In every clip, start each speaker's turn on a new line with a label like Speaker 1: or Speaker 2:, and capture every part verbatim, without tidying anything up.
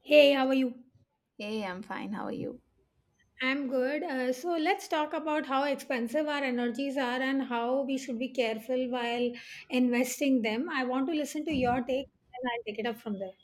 Speaker 1: Hey, how are you?
Speaker 2: Hey, I'm fine. How are you?
Speaker 1: I'm good. Uh, so let's talk about how expensive our energies are and how we should be careful while investing them. I want to listen to your take and I'll take it up from there.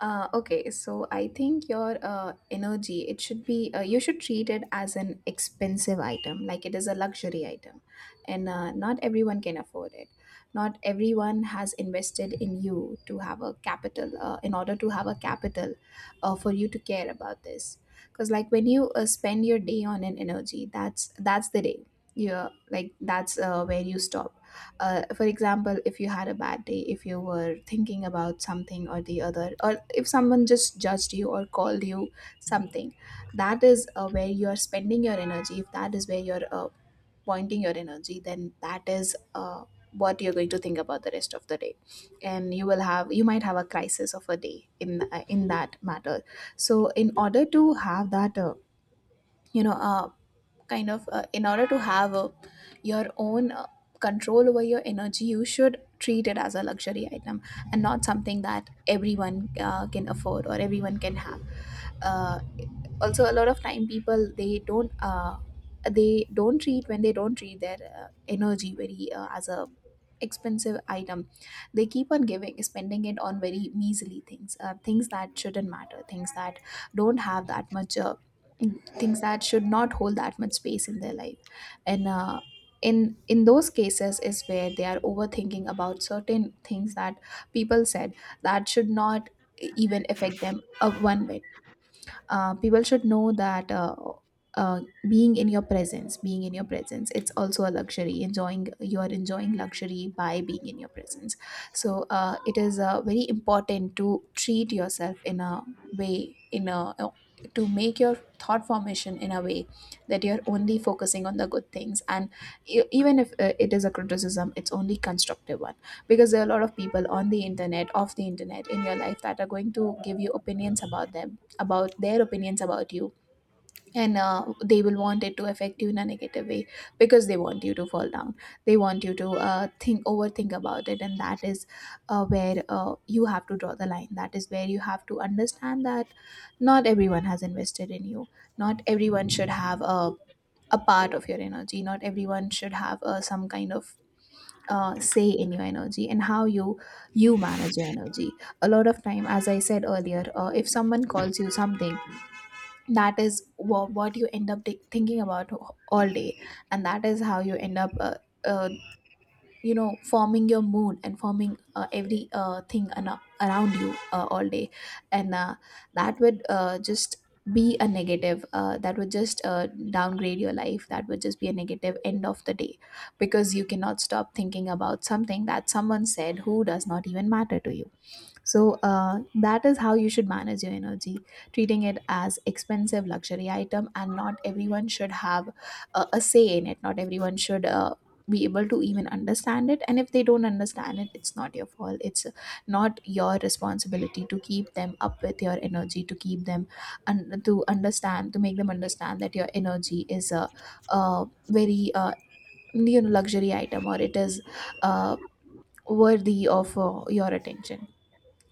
Speaker 2: Uh, okay, so I think your uh, energy, it should be, uh, you should treat it as an expensive item, like it is a luxury item. And uh, not everyone can afford it. Not everyone has invested in you to have a capital, uh, in order to have a capital uh, for you to care about this. Because, like, when you uh, spend your day on an energy, that's that's the day. You're like, that's uh, where you stop uh, for example, if you had a bad day, if you were thinking about something or the other, or if someone just judged you or called you something, that is uh, where you are spending your energy. If that is where you're uh, pointing your energy, then that is uh, what you're going to think about the rest of the day, and you will have you might have a crisis of a day in uh, in that matter. So in order to have that uh, you know a kind of uh, in order to have a, your own uh, control over your energy, you should treat it as a luxury item, and not something that everyone uh, can afford or everyone can have. uh, Also, a lot of time people, they don't uh, they don't treat when they don't treat their uh, energy very uh, as a expensive item. They keep on giving spending it on very measly things, uh, things that shouldn't matter, things that don't have that much uh, things that should not hold that much space in their life. And uh, in in those cases is where they are overthinking about certain things that people said, that should not even affect them uh, one bit. Uh, people should know that uh, uh, being in your presence, being in your presence it's also a luxury. Enjoying You are enjoying luxury by being in your presence. So uh, it is uh, very important to treat yourself in a way, in a uh, to make your thought formation in a way that you're only focusing on the good things, and e- even if uh, it is a criticism, it's only constructive one. Because there are a lot of people on the internet, off the internet, in your life that are going to give you opinions about them about their opinions about you, and uh, they will want it to affect you in a negative way, because they want you to fall down. They want you to uh, think overthink about it, and that is uh, where uh, you have to draw the line. That is where you have to understand that not everyone has invested in you, not everyone should have a, a part of your energy, not everyone should have uh, some kind of uh, say in your energy and how you you manage your energy. A lot of time, as I said earlier, uh, if someone calls you something, that is wha- what you end up thi- thinking about all day. And that is how you end up uh, uh, you know forming your mood and forming uh, every uh, thing ana- around you uh, all day. And uh, that would uh, just be a negative uh, that would just uh, downgrade your life. That would just be a negative end of the day, because you cannot stop thinking about something that someone said, who does not even matter to you. So uh, that is how you should manage your energy, treating it as expensive luxury item, and not everyone should have a, a say in it. Not everyone should uh, be able to even understand it. And if they don't understand it, it's not your fault. It's not your responsibility to keep them up with your energy, to keep them and to understand, to make them understand that your energy is a, a very uh, you know luxury item, or it is uh, worthy of uh, your attention.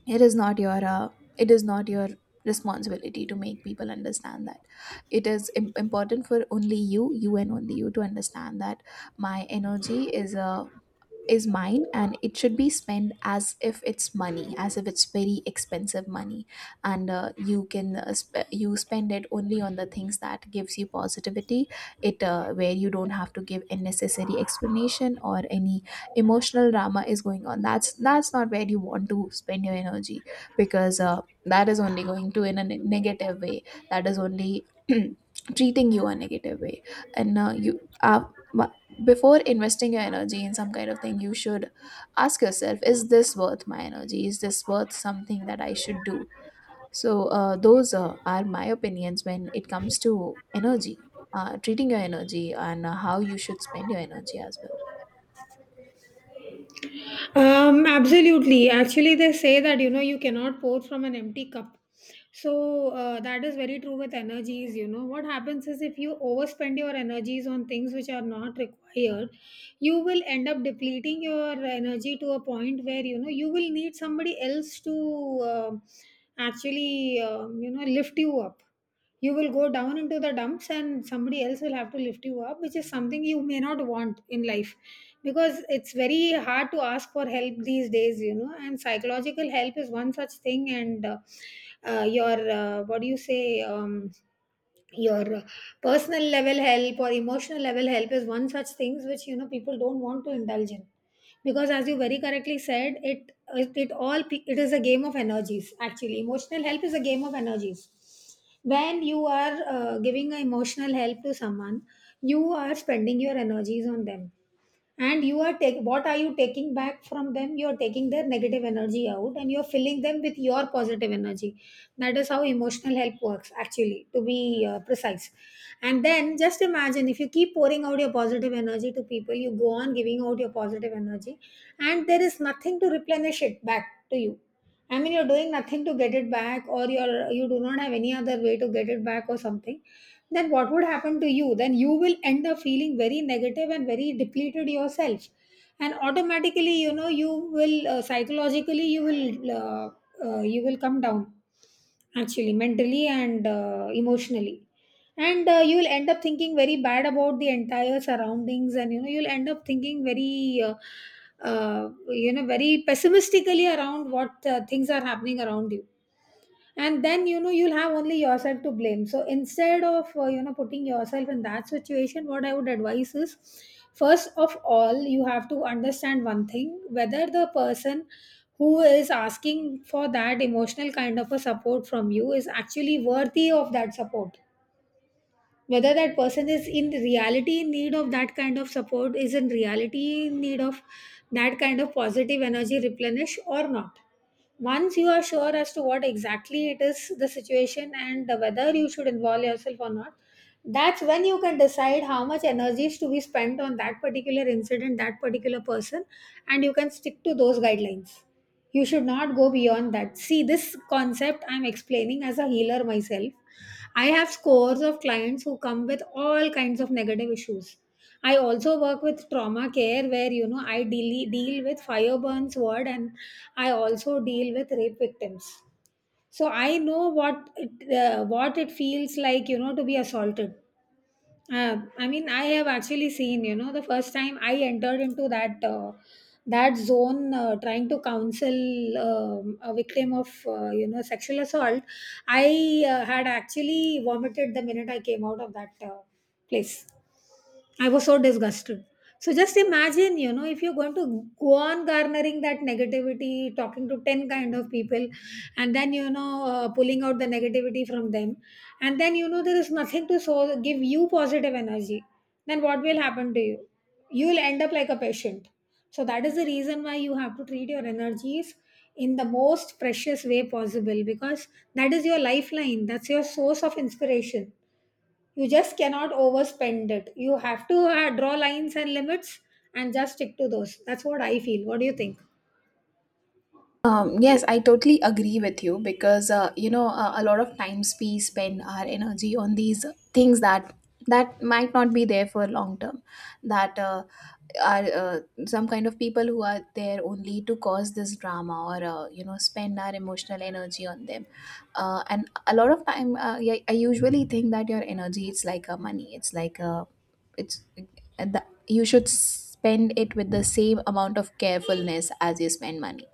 Speaker 2: It is not your uh, it is not your responsibility to make people understand that. It is im- important for only you you and only you to understand that my energy is a is mine, and it should be spent as if it's money, as if it's very expensive money. And uh, you can uh, sp- you spend it only on the things that gives you positivity. It uh, Where you don't have to give unnecessary explanation, or any emotional drama is going on, that's that's not where you want to spend your energy. Because uh, that is only going to in a ne- negative way. That is only treating you a negative way. And uh, you uh, Before investing your energy in some kind of thing, you should ask yourself, is this worth my energy? Is this worth something that I should do? So uh, those uh, are my opinions when it comes to energy, uh, treating your energy and uh, how you should spend your energy as well.
Speaker 1: Um, absolutely. Actually, they say that you know you cannot pour from an empty cup. So uh, that is very true with energies. You know what happens is if you overspend your energies on things which are not required, you will end up depleting your energy to a point where you know you will need somebody else to um actually um, you know lift you up. You will go down into the dumps and somebody else will have to lift you up, which is something you may not want in life because it's very hard to ask for help these days, you know, and psychological help is one such thing, and uh, uh, your uh, what do you say um, your personal level help or emotional level help is one such things which you know people don't want to indulge in because as you very correctly said it it, it all it is a game of energies. Actually, emotional help is a game of energies. When you are uh, giving a emotional help to someone, you are spending your energies on them, and you are take what are you taking back from them? You are taking their negative energy out and you are filling them with your positive energy. That is how emotional help works, actually, to be uh, precise. And then just imagine, if you keep pouring out your positive energy to people, you go on giving out your positive energy and there is nothing to replenish it back to you. I mean, you're doing nothing to get it back, or you're you do not have any other way to get it back, or something. Then what would happen to you? Then you will end up feeling very negative and very depleted yourself, and automatically you know you will uh, psychologically you will uh, uh, you will come down, actually, mentally and uh, emotionally, and uh, you will end up thinking very bad about the entire surroundings, and you know you'll end up thinking very uh, uh, you know very pessimistically around what uh, things are happening around you. And then you know you'll have only yourself to blame. So instead of uh, you know putting yourself in that situation, what I would advise is, first of all, you have to understand one thing: whether the person who is asking for that emotional kind of a support from you is actually worthy of that support, whether that person is in reality in need of that kind of support, is in reality in need of that kind of positive energy replenish or not. Once you are sure as to what exactly it is, the situation, and whether you should involve yourself or not, that's when you can decide how much energy is to be spent on that particular incident, that particular person, and you can stick to those guidelines. You should not go beyond that. See, this concept I'm explaining as a healer myself. I have scores of clients who come with all kinds of negative issues. I also work with trauma care where you know I deal, deal with fire burns ward, and I also deal with rape victims. So I know what it, uh, what it feels like, you know, to be assaulted. uh, I mean, I have actually seen, you know, the first time I entered into that uh, that zone, uh, trying to counsel um, a victim of, uh, you know, sexual assault, I uh, had actually vomited the minute I came out of that uh, place. I was so disgusted. So just imagine, you know, if you're going to go on garnering that negativity, talking to ten kind of people, and then, you know, uh, pulling out the negativity from them, and then, you know, there is nothing to so give you positive energy, then what will happen to you? You will end up like a patient. So that is the reason why you have to treat your energies in the most precious way possible, because that is your lifeline, that's your source of inspiration. You just cannot overspend it. You have to uh, draw lines and limits and just stick to those. That's what I feel. What do you think?
Speaker 2: Um, yes, I totally agree with you, because uh, you know uh, a lot of times we spend our energy on these things that that might not be there for long term. That uh, are uh, some kind of people who are there only to cause this drama, or uh, you know spend our emotional energy on them. Uh, and a lot of time, uh, yeah, I usually think that your energy, it's like a money, it's like a it's and the, you should spend it with the same amount of carefulness as you spend money.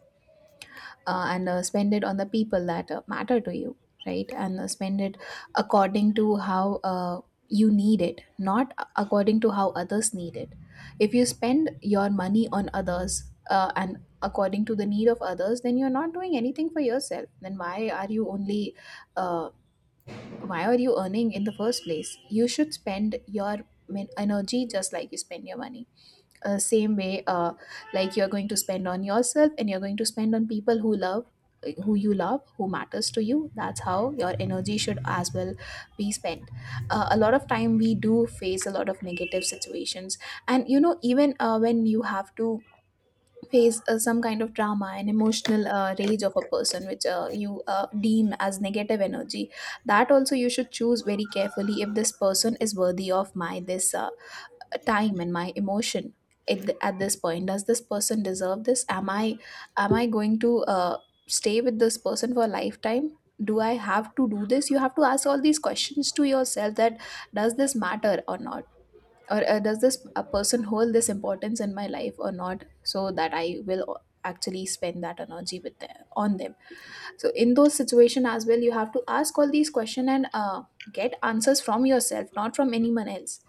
Speaker 2: Uh, and uh, spend it on the people that uh, matter to you, right? And uh, spend it according to how uh, you need it, not a- according to how others need it. If you spend your money on others, uh, and according to the need of others, then you're not doing anything for yourself. Then why are you only uh, why are you earning in the first place? You should spend your min- energy just like you spend your money, uh, same way uh, like you're going to spend on yourself, and you're going to spend on people who love who you love, who matters to you. That's how your energy should as well be spent. Uh, a lot of time we do face a lot of negative situations, and you know, even uh, when you have to face uh, some kind of drama and emotional uh, rage of a person, which uh, you uh, deem as negative energy, that also you should choose very carefully. If this person is worthy of my this uh, time and my emotion at, the, at this point, does this person deserve this? Am I am i going to uh, stay with this person for a lifetime? Do I have to do this? You have to ask all these questions to yourself, that does this matter or not, or uh, does this a person hold this importance in my life or not, so that I will o- actually spend that energy with them, on them. So in those situations as well, you have to ask all these questions, and uh, get answers from yourself, not from anyone else.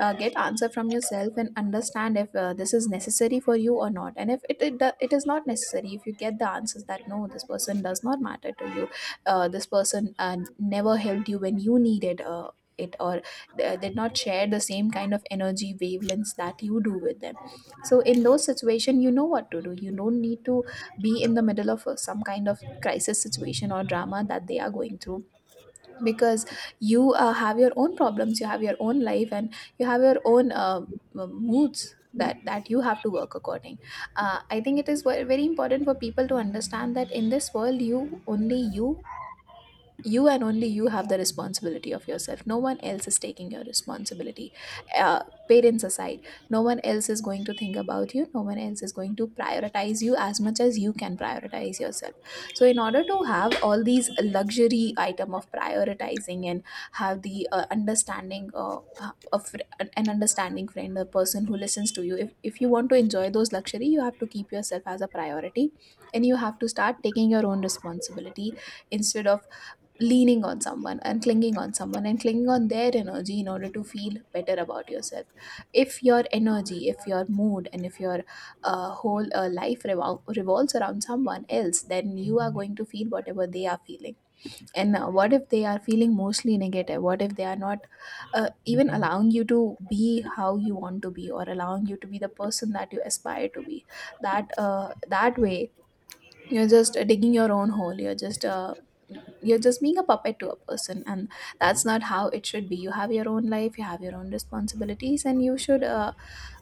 Speaker 2: uh, Get answer from yourself and understand if uh, this is necessary for you or not. And if it, it do- it is not necessary, if you get the answers that no, this person does not matter to you, uh, this person uh, never helped you when you needed uh, it, or uh, did not share the same kind of energy wavelengths that you do with them. So in those situations you know what to do. You don't need to be in the middle of uh, some kind of crisis situation or drama that they are going through, because you uh, have your own problems, you have your own life, and you have your own uh, m- moods that that you have to work according. uh, I think it is ve- very important for people to understand that in this world, you only you you and only you have the responsibility of yourself. No one else is taking your responsibility, uh, parents aside. No one else is going to think about you, no one else is going to prioritize you as much as you can prioritize yourself. So in order to have all these luxury item of prioritizing, and have the uh, understanding uh, uh, of an understanding friend, a person who listens to you, if, if you want to enjoy those luxury, you have to keep yourself as a priority, and you have to start taking your own responsibility, instead of leaning on someone and clinging on someone, and clinging on their energy in order to feel better about yourself. If your energy, if your mood, and if your uh, whole uh, life revol- revolves around someone else, then you are going to feel whatever they are feeling. And uh, What if they are feeling mostly negative? What if they are not uh, even allowing you to be how you want to be, or allowing you to be the person that you aspire to be? That uh, that way, you're just uh, digging your own hole. You're just uh, you're just being a puppet to a person. And that's not how it should be. You have your own life, you have your own responsibilities, and you should uh,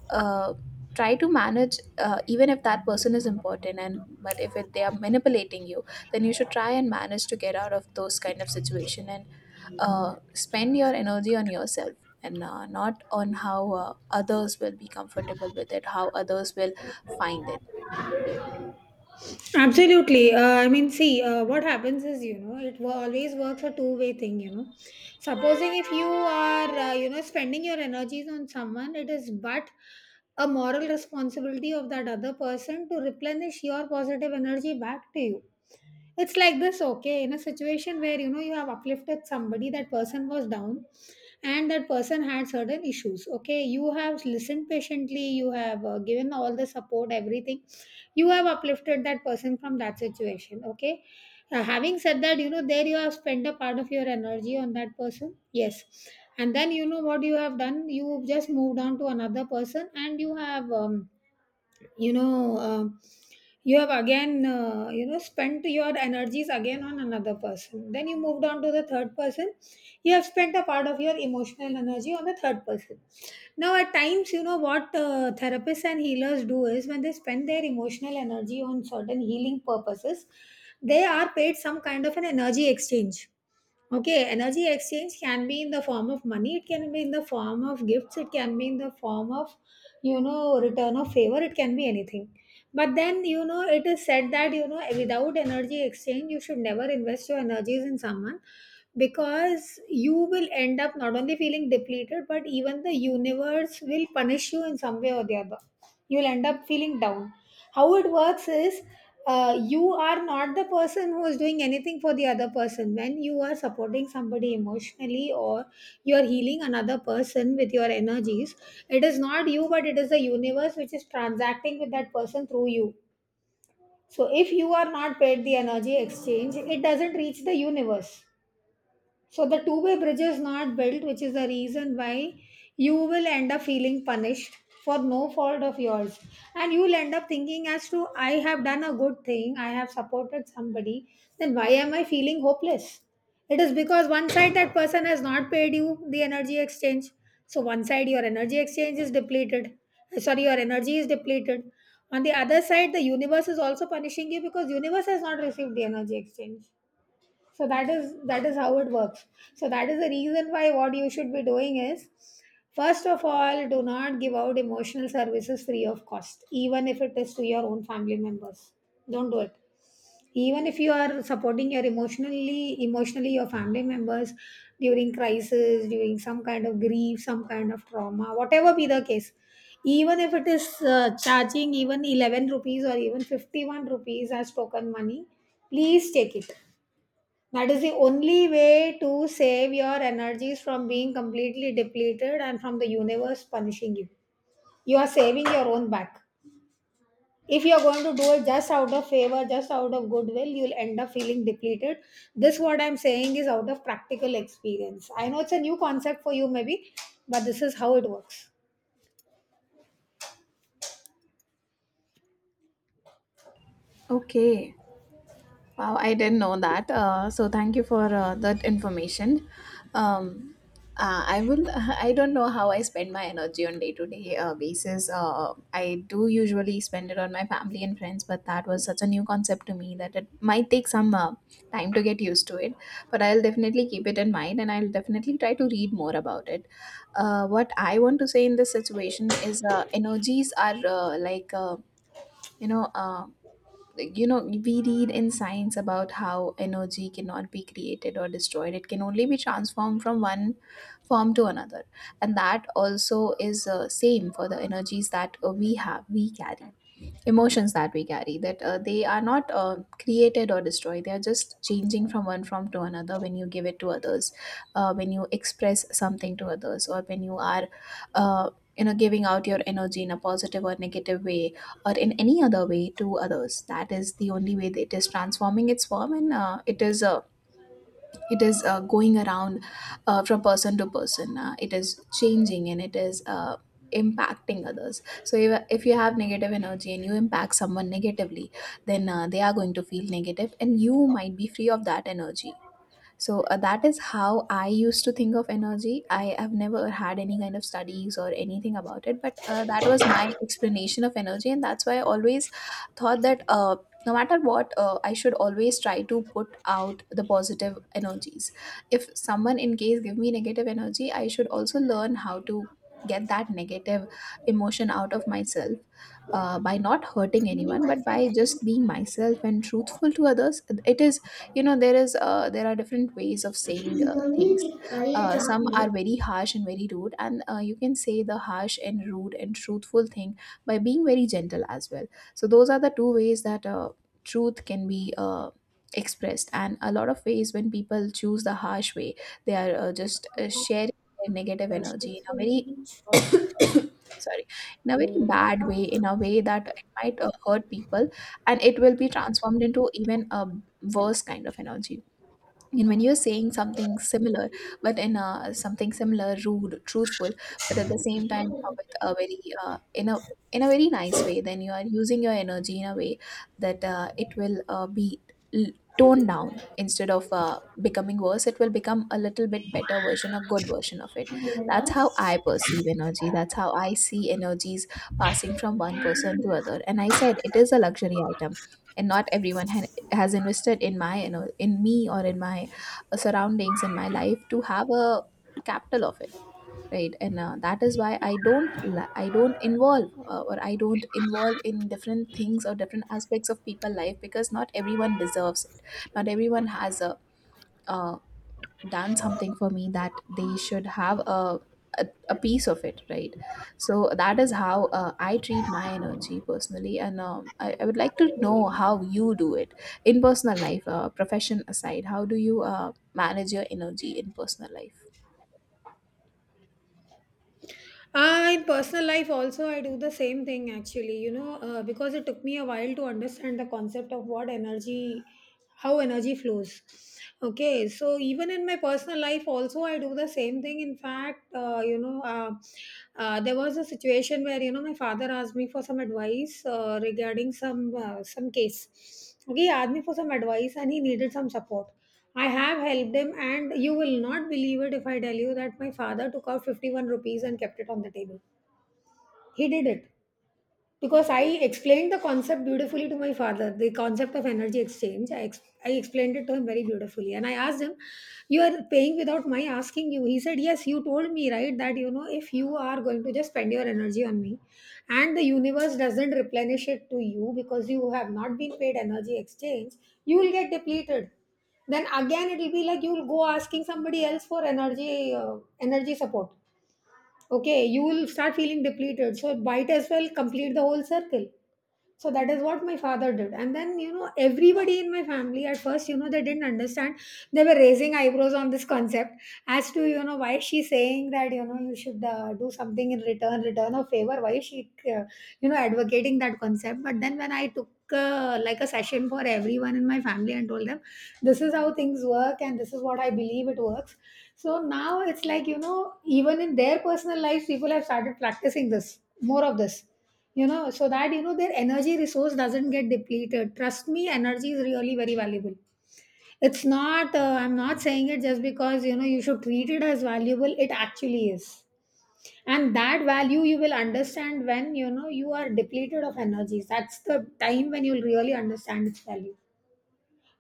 Speaker 2: uh, try to manage, uh, even if that person is important, and but if it, they are manipulating you, then you should try and manage to get out of those kind of situation. And uh, spend your energy on yourself, and uh, not on how uh, others will be comfortable with it, how others will find it.
Speaker 1: Absolutely. uh, I mean, see, uh, what happens is, you know, it wo- always works a two way thing, you know. Supposing if you are uh, you know spending your energies on someone, it is but a moral responsibility of that other person to replenish your positive energy back to you. It's like this. Okay, in a situation where you know you have uplifted somebody, that person was down and that person had certain issues. Okay, you have listened patiently, you have uh, given all the support, everything. You have uplifted that person from that situation. Okay. Uh, having said that, you know, there you have spent a part of your energy on that person. Yes. And then you know what you have done, you just moved on to another person and you have um, you know um you have again uh, you know spent your energies again on another person, then you moved on to the third person. You have spent a part of your emotional energy on the third person. Now, at times, you know what uh, therapists and healers do is, when they spend their emotional energy on certain healing purposes, they are paid some kind of an energy exchange. Okay, energy exchange can be in the form of money, it can be in the form of gifts, it can be in the form of, you know, return of favor, it can be anything. But then, you know, it is said that, you know, without energy exchange, you should never invest your energies in someone because you will end up not only feeling depleted, but even the universe will punish you in some way or the other. You'll end up feeling down. How it works is, uh, you are not the person who is doing anything for the other person. When you are supporting somebody emotionally or you are healing another person with your energies, it is not you but it is the universe which is transacting with that person through you. So if you are not paid the energy exchange, it doesn't reach the universe. So the two-way bridge is not built, which is the reason why you will end up feeling punished for no fault of yours. And you'll end up thinking as to, I have done a good thing, I have supported somebody, then why am I feeling hopeless? It is because, one side, that person has not paid you the energy exchange. So one side your energy exchange is depleted. Uh, Sorry, your energy is depleted. On the other side, the universe is also punishing you because universe has not received the energy exchange. So that is, that is how it works. So that is the reason why what you should be doing is, first of all, do not give out emotional services free of cost, even if it is to your own family members. Don't do it. Even if you are supporting your emotionally emotionally your family members during crisis, during some kind of grief, some kind of trauma, whatever be the case, even if it is uh, charging even eleven rupees or even fifty-one rupees as token money, please take it. That is the only way to save your energies from being completely depleted and from the universe punishing you. You are saving your own back. If you are going to do it just out of favor, just out of goodwill, you'll end up feeling depleted. This, what I'm saying, is out of practical experience. I know it's a new concept for you, maybe, but this is how it works.
Speaker 2: Okay. Wow, I didn't know that. Uh, so thank you for uh, that information. Um, uh, I will. I don't know how I spend my energy on day to day basis. Uh, I do usually spend it on my family and friends, but that was such a new concept to me that it might take some uh, time to get used to it. But I'll definitely keep it in mind, and I'll definitely try to read more about it. Uh, what I want to say in this situation is, uh, energies are uh, like. Uh, you know, uh, you know we read in science about how energy cannot be created or destroyed, it can only be transformed from one form to another. And that also is uh, same for the energies that uh, we have, we carry. Emotions that we carry, that uh, they are not uh, created or destroyed, they are just changing from one form to another when you give it to others. Uh, when you express something to others, or when you are uh, you know, giving out your energy in a positive or negative way, or in any other way to others, that is the only way that it is transforming its form. And uh, it is uh, it is uh, going around uh, from person to person. Uh, it is changing, and it is uh, impacting others. So if, if you have negative energy and you impact someone negatively, then uh, they are going to feel negative and you might be free of that energy. So uh, that is how I used to think of energy. I have never had any kind of studies or anything about it, but uh, that was my explanation of energy, and that's why I always thought that, uh, no matter what, uh, I should always try to put out the positive energies. If someone in case give me negative energy, I should also learn how to get that negative emotion out of myself, uh, by not hurting anyone, but by just being myself and truthful to others. It is, you know, there is uh, there are different ways of saying uh, things. Uh, some are very harsh and very rude, and uh, you can say the harsh and rude and truthful thing by being very gentle as well. So those are the two ways that uh, truth can be uh, expressed. And a lot of ways when people choose the harsh way, they are uh, just uh, sharing their negative energy in a very sorry, in a very bad way, in a way that it might uh, hurt people, and it will be transformed into even a worse kind of energy. And when you're saying something similar, but in a something similar rude truthful, but at the same time, uh, with a very uh, in a in a very nice way, then you are using your energy in a way that uh, it will uh, be l- toned down. Instead of uh, becoming worse, it will become a little bit better version, a good version of it. That's how I perceive energy, that's how I see energies passing from one person to other. And I said it is a luxury item, and not everyone ha- has invested in my, you know, in me, or in my surroundings, in my life, to have a capital of it, right? And uh, that is why I don't li- I don't involve, uh, or I don't involve in different things or different aspects of people life, because not everyone deserves it. Not everyone has a uh, done something for me that they should have a a, a piece of it, right? So that is how uh, I treat my energy personally. And um, I, I would like to know how you do it in personal life. Uh, profession aside, how do you uh, manage your energy in personal life?
Speaker 1: Uh, in personal life, also, I do the same thing, actually, you know, uh, because it took me a while to understand the concept of what energy, how energy flows. Okay, so even in my personal life, also, I do the same thing. In fact, uh, you know, uh, uh, there was a situation where, you know, my father asked me for some advice uh, regarding some uh, some case. Okay, he asked me for some advice and he needed some support. I have helped him, and you will not believe it if I tell you that my father took out fifty-one rupees and kept it on the table. He did it. Because I explained the concept beautifully to my father, the concept of energy exchange. I, ex- I explained it to him very beautifully. And I asked him, you are paying without my asking you. He said, Yes, you told me, right, that you know, if you are going to just spend your energy on me and the universe doesn't replenish it to you because you have not been paid energy exchange, you will get depleted. Then again it will be like you will go asking somebody else for energy uh, energy support. Okay, you will start feeling depleted. So, might as well complete the whole circle. So that is what my father did. And then, you know, everybody in my family at first, you know, they didn't understand. They were raising eyebrows on this concept as to, you know, why is she saying that, you know, you should uh, do something in return, return of favor? Why is she, uh, you know, advocating that concept? But then when I took uh, like a session for everyone in my family and told them, this is how things work and this is what I believe it works. So now it's like, you know, even in their personal lives, people have started practicing this, more of this you know, so that you know their energy resource doesn't get depleted. Trust me, energy is really very valuable. It's not. Uh, I'm not saying it just because you know you should treat it as valuable. It actually is, and that value you will understand when you know you are depleted of energies. That's the time when you'll really understand its value.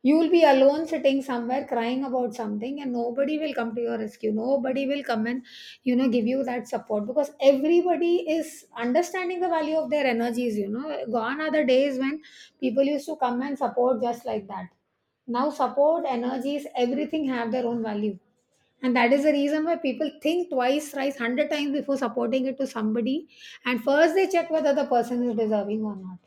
Speaker 1: You will be alone sitting somewhere crying about something, and nobody will come to your rescue. Nobody will come and, you know, give you that support because everybody is understanding the value of their energies. You know, gone are the days when people used to come and support just like that. Now, support, energies, everything have their own value. And that is the reason why people think twice, thrice, hundred times before supporting it to somebody. And first they check whether the person is deserving or not.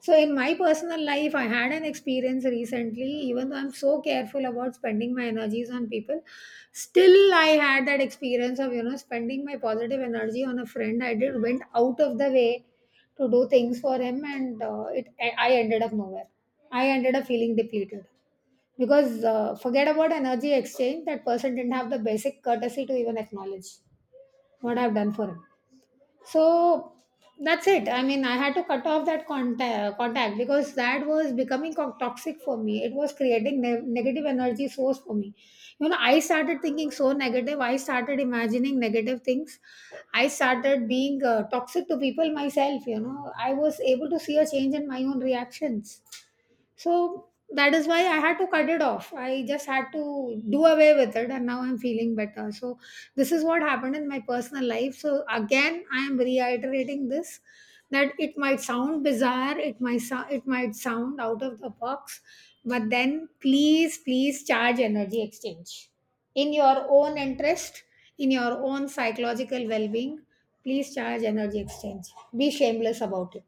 Speaker 1: So, in my personal life, I had an experience recently, even though I'm so careful about spending my energies on people, still I had that experience of, you know, spending my positive energy on a friend. I did went out of the way to do things for him, and uh, it I I ended up nowhere. I ended up feeling depleted because uh, forget about energy exchange, that person didn't have the basic courtesy to even acknowledge what I've done for him. So that's it. I mean, I had to cut off that contact, contact because that was becoming co- toxic for me. It was creating ne- negative energy source for me. You know, I started thinking so negative, I started imagining negative things. I started being uh, toxic to people myself. You know, I was able to see a change in my own reactions. So that is why I had to cut it off. I just had to do away with it, and now I'm feeling better. So, this is what happened in my personal life. So, again, I am reiterating this that it might sound bizarre, it might, so- it might sound out of the box, but then please, please charge energy exchange in your own interest, in your own psychological well being. Please charge energy exchange. Be shameless about it.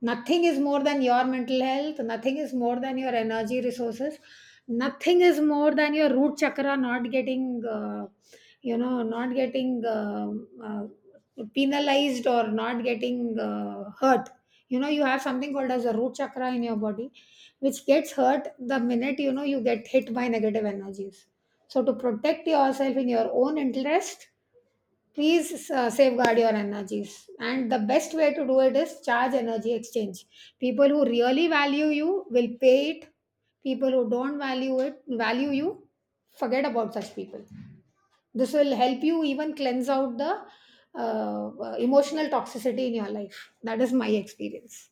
Speaker 1: Nothing is more than your mental health, nothing is more than your energy resources, nothing is more than your root chakra not getting uh, you know not getting uh, uh, penalized or not getting uh, hurt. You know, you have something called as a root chakra in your body which gets hurt the minute you know you get hit by negative energies. So to protect yourself in your own interest, please uh, safeguard your energies, and the best way to do it is charge energy exchange. People who really value you will pay it. People who don't value it value you, forget about such people. This will help you even cleanse out the uh, uh, emotional toxicity in your life. That is my experience.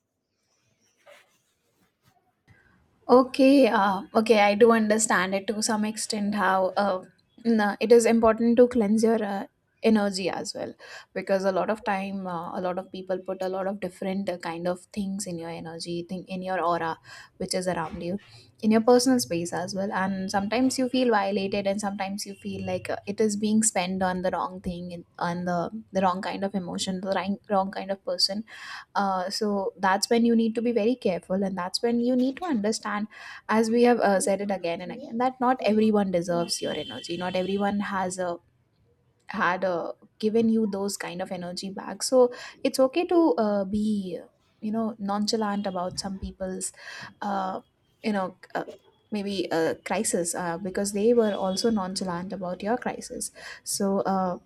Speaker 2: Okay, uh, okay, I do understand it to some extent, how uh, n- it is important to cleanse your uh, energy as well, because a lot of time, uh, a lot of people put a lot of different uh, kind of things in your energy thing, in your aura, which is around you, in your personal space as well. And sometimes you feel violated, and sometimes you feel like uh, it is being spent on the wrong thing, and on the the wrong kind of emotion, the wrong, wrong kind of person. Uh, so that's when you need to be very careful, and that's when you need to understand, as we have uh, said it again and again, that not everyone deserves your energy. Not everyone has a had a given you those kind of energy back. So it's okay to uh, be, you know, nonchalant about some people's, uh, you know, uh, maybe uh, crisis, uh, because they were also nonchalant about your crisis. So. Uh,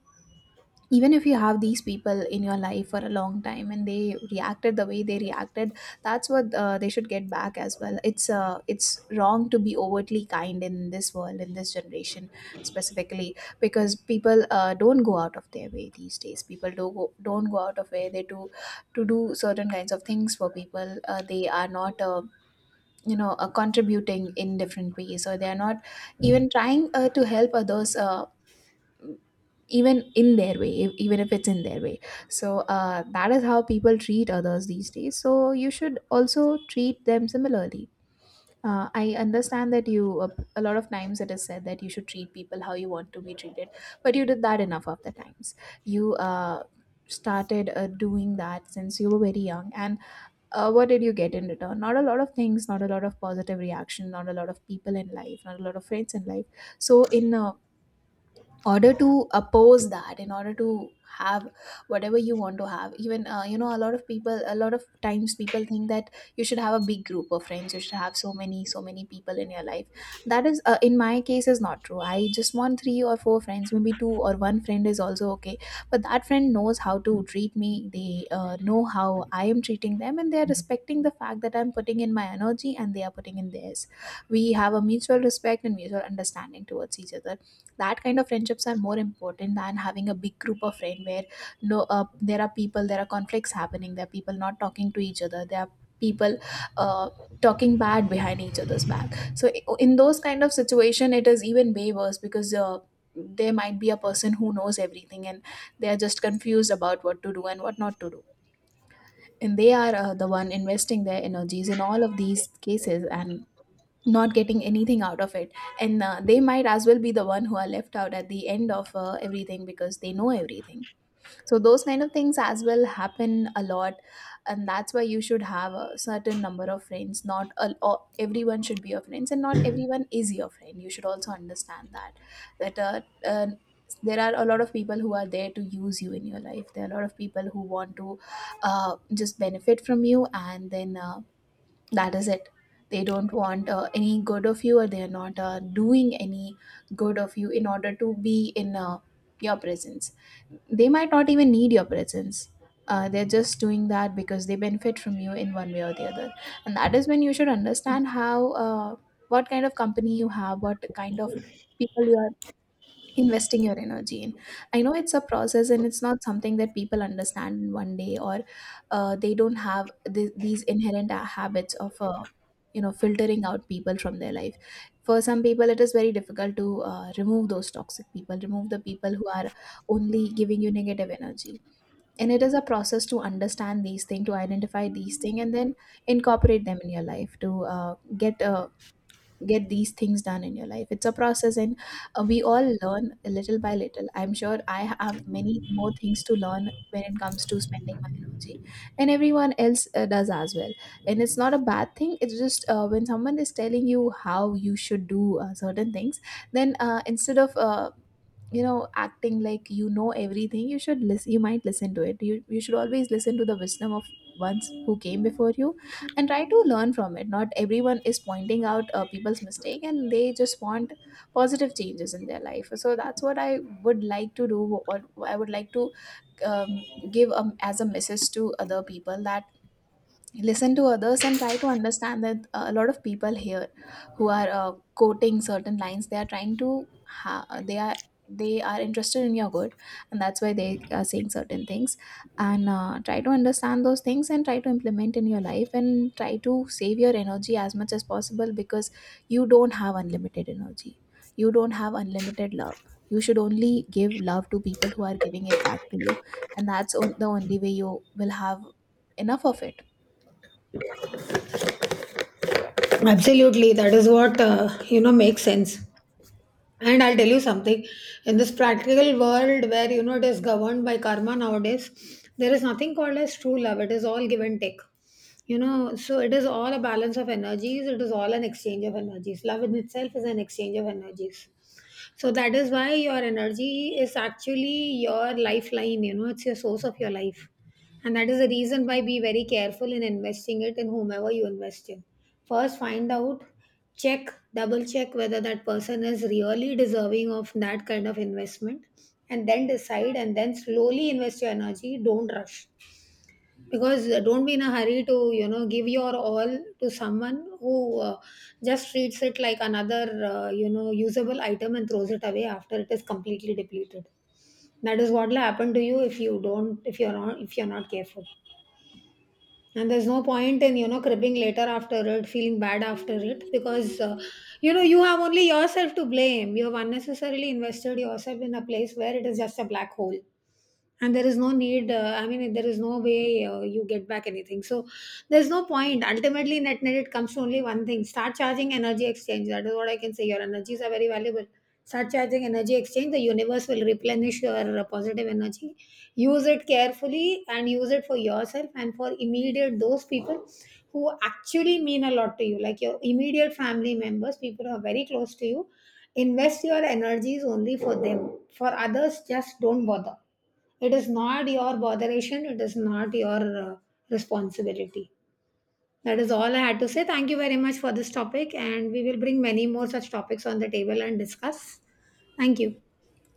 Speaker 2: Even if you have these people in your life for a long time and they reacted the way they reacted, that's what uh, they should get back as well. It's uh, it's wrong to be overtly kind in this world, in this generation specifically, because people uh, don't go out of their way these days. people do go, don't go out of way they do to do certain kinds of things for people. Uh, they are not uh, you know uh, contributing in different ways, or they are not even trying uh, to help others, uh, even in their way e- even if it's in their way. So uh, that is how people treat others these days, so you should also treat them similarly. uh, I understand that you uh, a lot of times it is said that you should treat people how you want to be treated, but you did that enough of the times. You uh, Started uh, doing that since you were very young, and uh, what did you get in return? Not a lot of things, not a lot of positive reaction, not a lot of people in life, not a lot of friends in life. So in a order to oppose that, in order to have whatever you want to have, even uh, you know, a lot of people, a lot of times people think that you should have a big group of friends, you should have so many, so many people in your life. That is uh, in my case is not true. I just want three or four friends, maybe two, or one friend is also okay. But that friend knows how to treat me, they uh, know how I am treating them, and they are respecting the fact that I'm putting in my energy and they are putting in theirs. We have a mutual respect and mutual understanding towards each other. That kind of friendships are more important than having a big group of friends, where no, uh, there are people, there are conflicts happening, there are people not talking to each other, there are people uh, talking bad behind each other's back. So in those kind of situation, it is even way worse, because uh, there might be a person who knows everything, and they are just confused about what to do and what not to do. And they are uh, the one investing their energies in all of these cases and not getting anything out of it. And uh, they might as well be the one who are left out at the end of uh, everything, because they know everything. So those kind of things as well happen a lot. And that's why you should have a certain number of friends. Not a, Or everyone should be your friends, and not everyone is your friend, you should also understand that. that uh, uh, there are a lot of people who are there to use you in your life, there are a lot of people who want to uh, just benefit from you, and then uh, that is it. They don't want uh, any good of you, or they are not uh, doing any good of you in order to be in uh, your presence. They might not even need your presence. Uh, they're just doing that because they benefit from you in one way or the other. And that is when you should understand how uh, what kind of company you have, what kind of people you are investing your energy in. I know it's a process, and it's not something that people understand in one day, or uh, they don't have th- these inherent uh, habits of uh, you know, filtering out people from their life. For some people, it is very difficult to uh, remove those toxic people, remove the people who are only giving you negative energy. And it is a process to understand these things, to identify these things, and then incorporate them in your life, to uh, get a get these things done in your life. It's a process, and uh, we all learn little by little. I'm sure I have many more things to learn when it comes to spending my energy, and everyone else uh, does as well. And it's not a bad thing, it's just uh, when someone is telling you how you should do uh, certain things, then uh, instead of uh, you know, acting like you know everything, you should listen. You might listen to it, you you should always listen to the wisdom of ones who came before you and try to learn from it. Not everyone is pointing out uh, people's mistake, and they just want positive changes in their life. So that's what I would like to do, or I would like to um, give um, as a message to other people that listen to others and try to understand that uh, a lot of people here who are uh, quoting certain lines, they are trying to ha- they are, they are interested in your good, and that's why they are saying certain things. And uh, try to understand those things and try to implement in your life, and try to save your energy as much as possible, because you don't have unlimited energy, you don't have unlimited love. You should only give love to people who are giving it back to you, and that's on- the only way you will have enough of it.
Speaker 1: Absolutely, that is what uh, you know makes sense. And I'll tell you something, in this practical world where you know it is governed by karma nowadays, there is nothing called as true love. It is all give and take. You know, so it is all a balance of energies, it is all an exchange of energies. Love in itself is an exchange of energies. So that is why your energy is actually your lifeline, you know, it's your source of your life. And that is the reason why be very careful in investing it in whomever you invest in. First, find out, check, double check whether that person is really deserving of that kind of investment, and then decide and then slowly invest your energy. Don't rush because uh, don't be in a hurry to you know give your all to someone who uh, just treats it like another uh, you know usable item and throws it away after it is completely depleted. That is what will happen to you if you don't if you're not if you're not careful, and there's no point in you know cribbing later after it, feeling bad after it, because uh, you know you have only yourself to blame. You have unnecessarily invested yourself in a place where it is just a black hole, and there is no need uh, I mean, there is no way uh, you get back anything. So there's no point. Ultimately, net net, it comes to only one thing, start charging energy exchange. That is what I can say. Your energies are very valuable, start charging energy exchange. The universe will replenish your uh, positive energy. Use it carefully, and use it for yourself and for immediate those people who actually mean a lot to you, like your immediate family members, people who are very close to you. Invest your energies only for them. For others, just don't bother. It is not your botheration, it is not your uh, responsibility. That is all I had to say. Thank you very much for this topic, and we will bring many more such topics on the table and discuss. Thank you.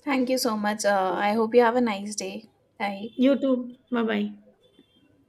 Speaker 2: Thank you so much. Uh, I hope you have a nice day. Bye.
Speaker 1: You too. Bye bye.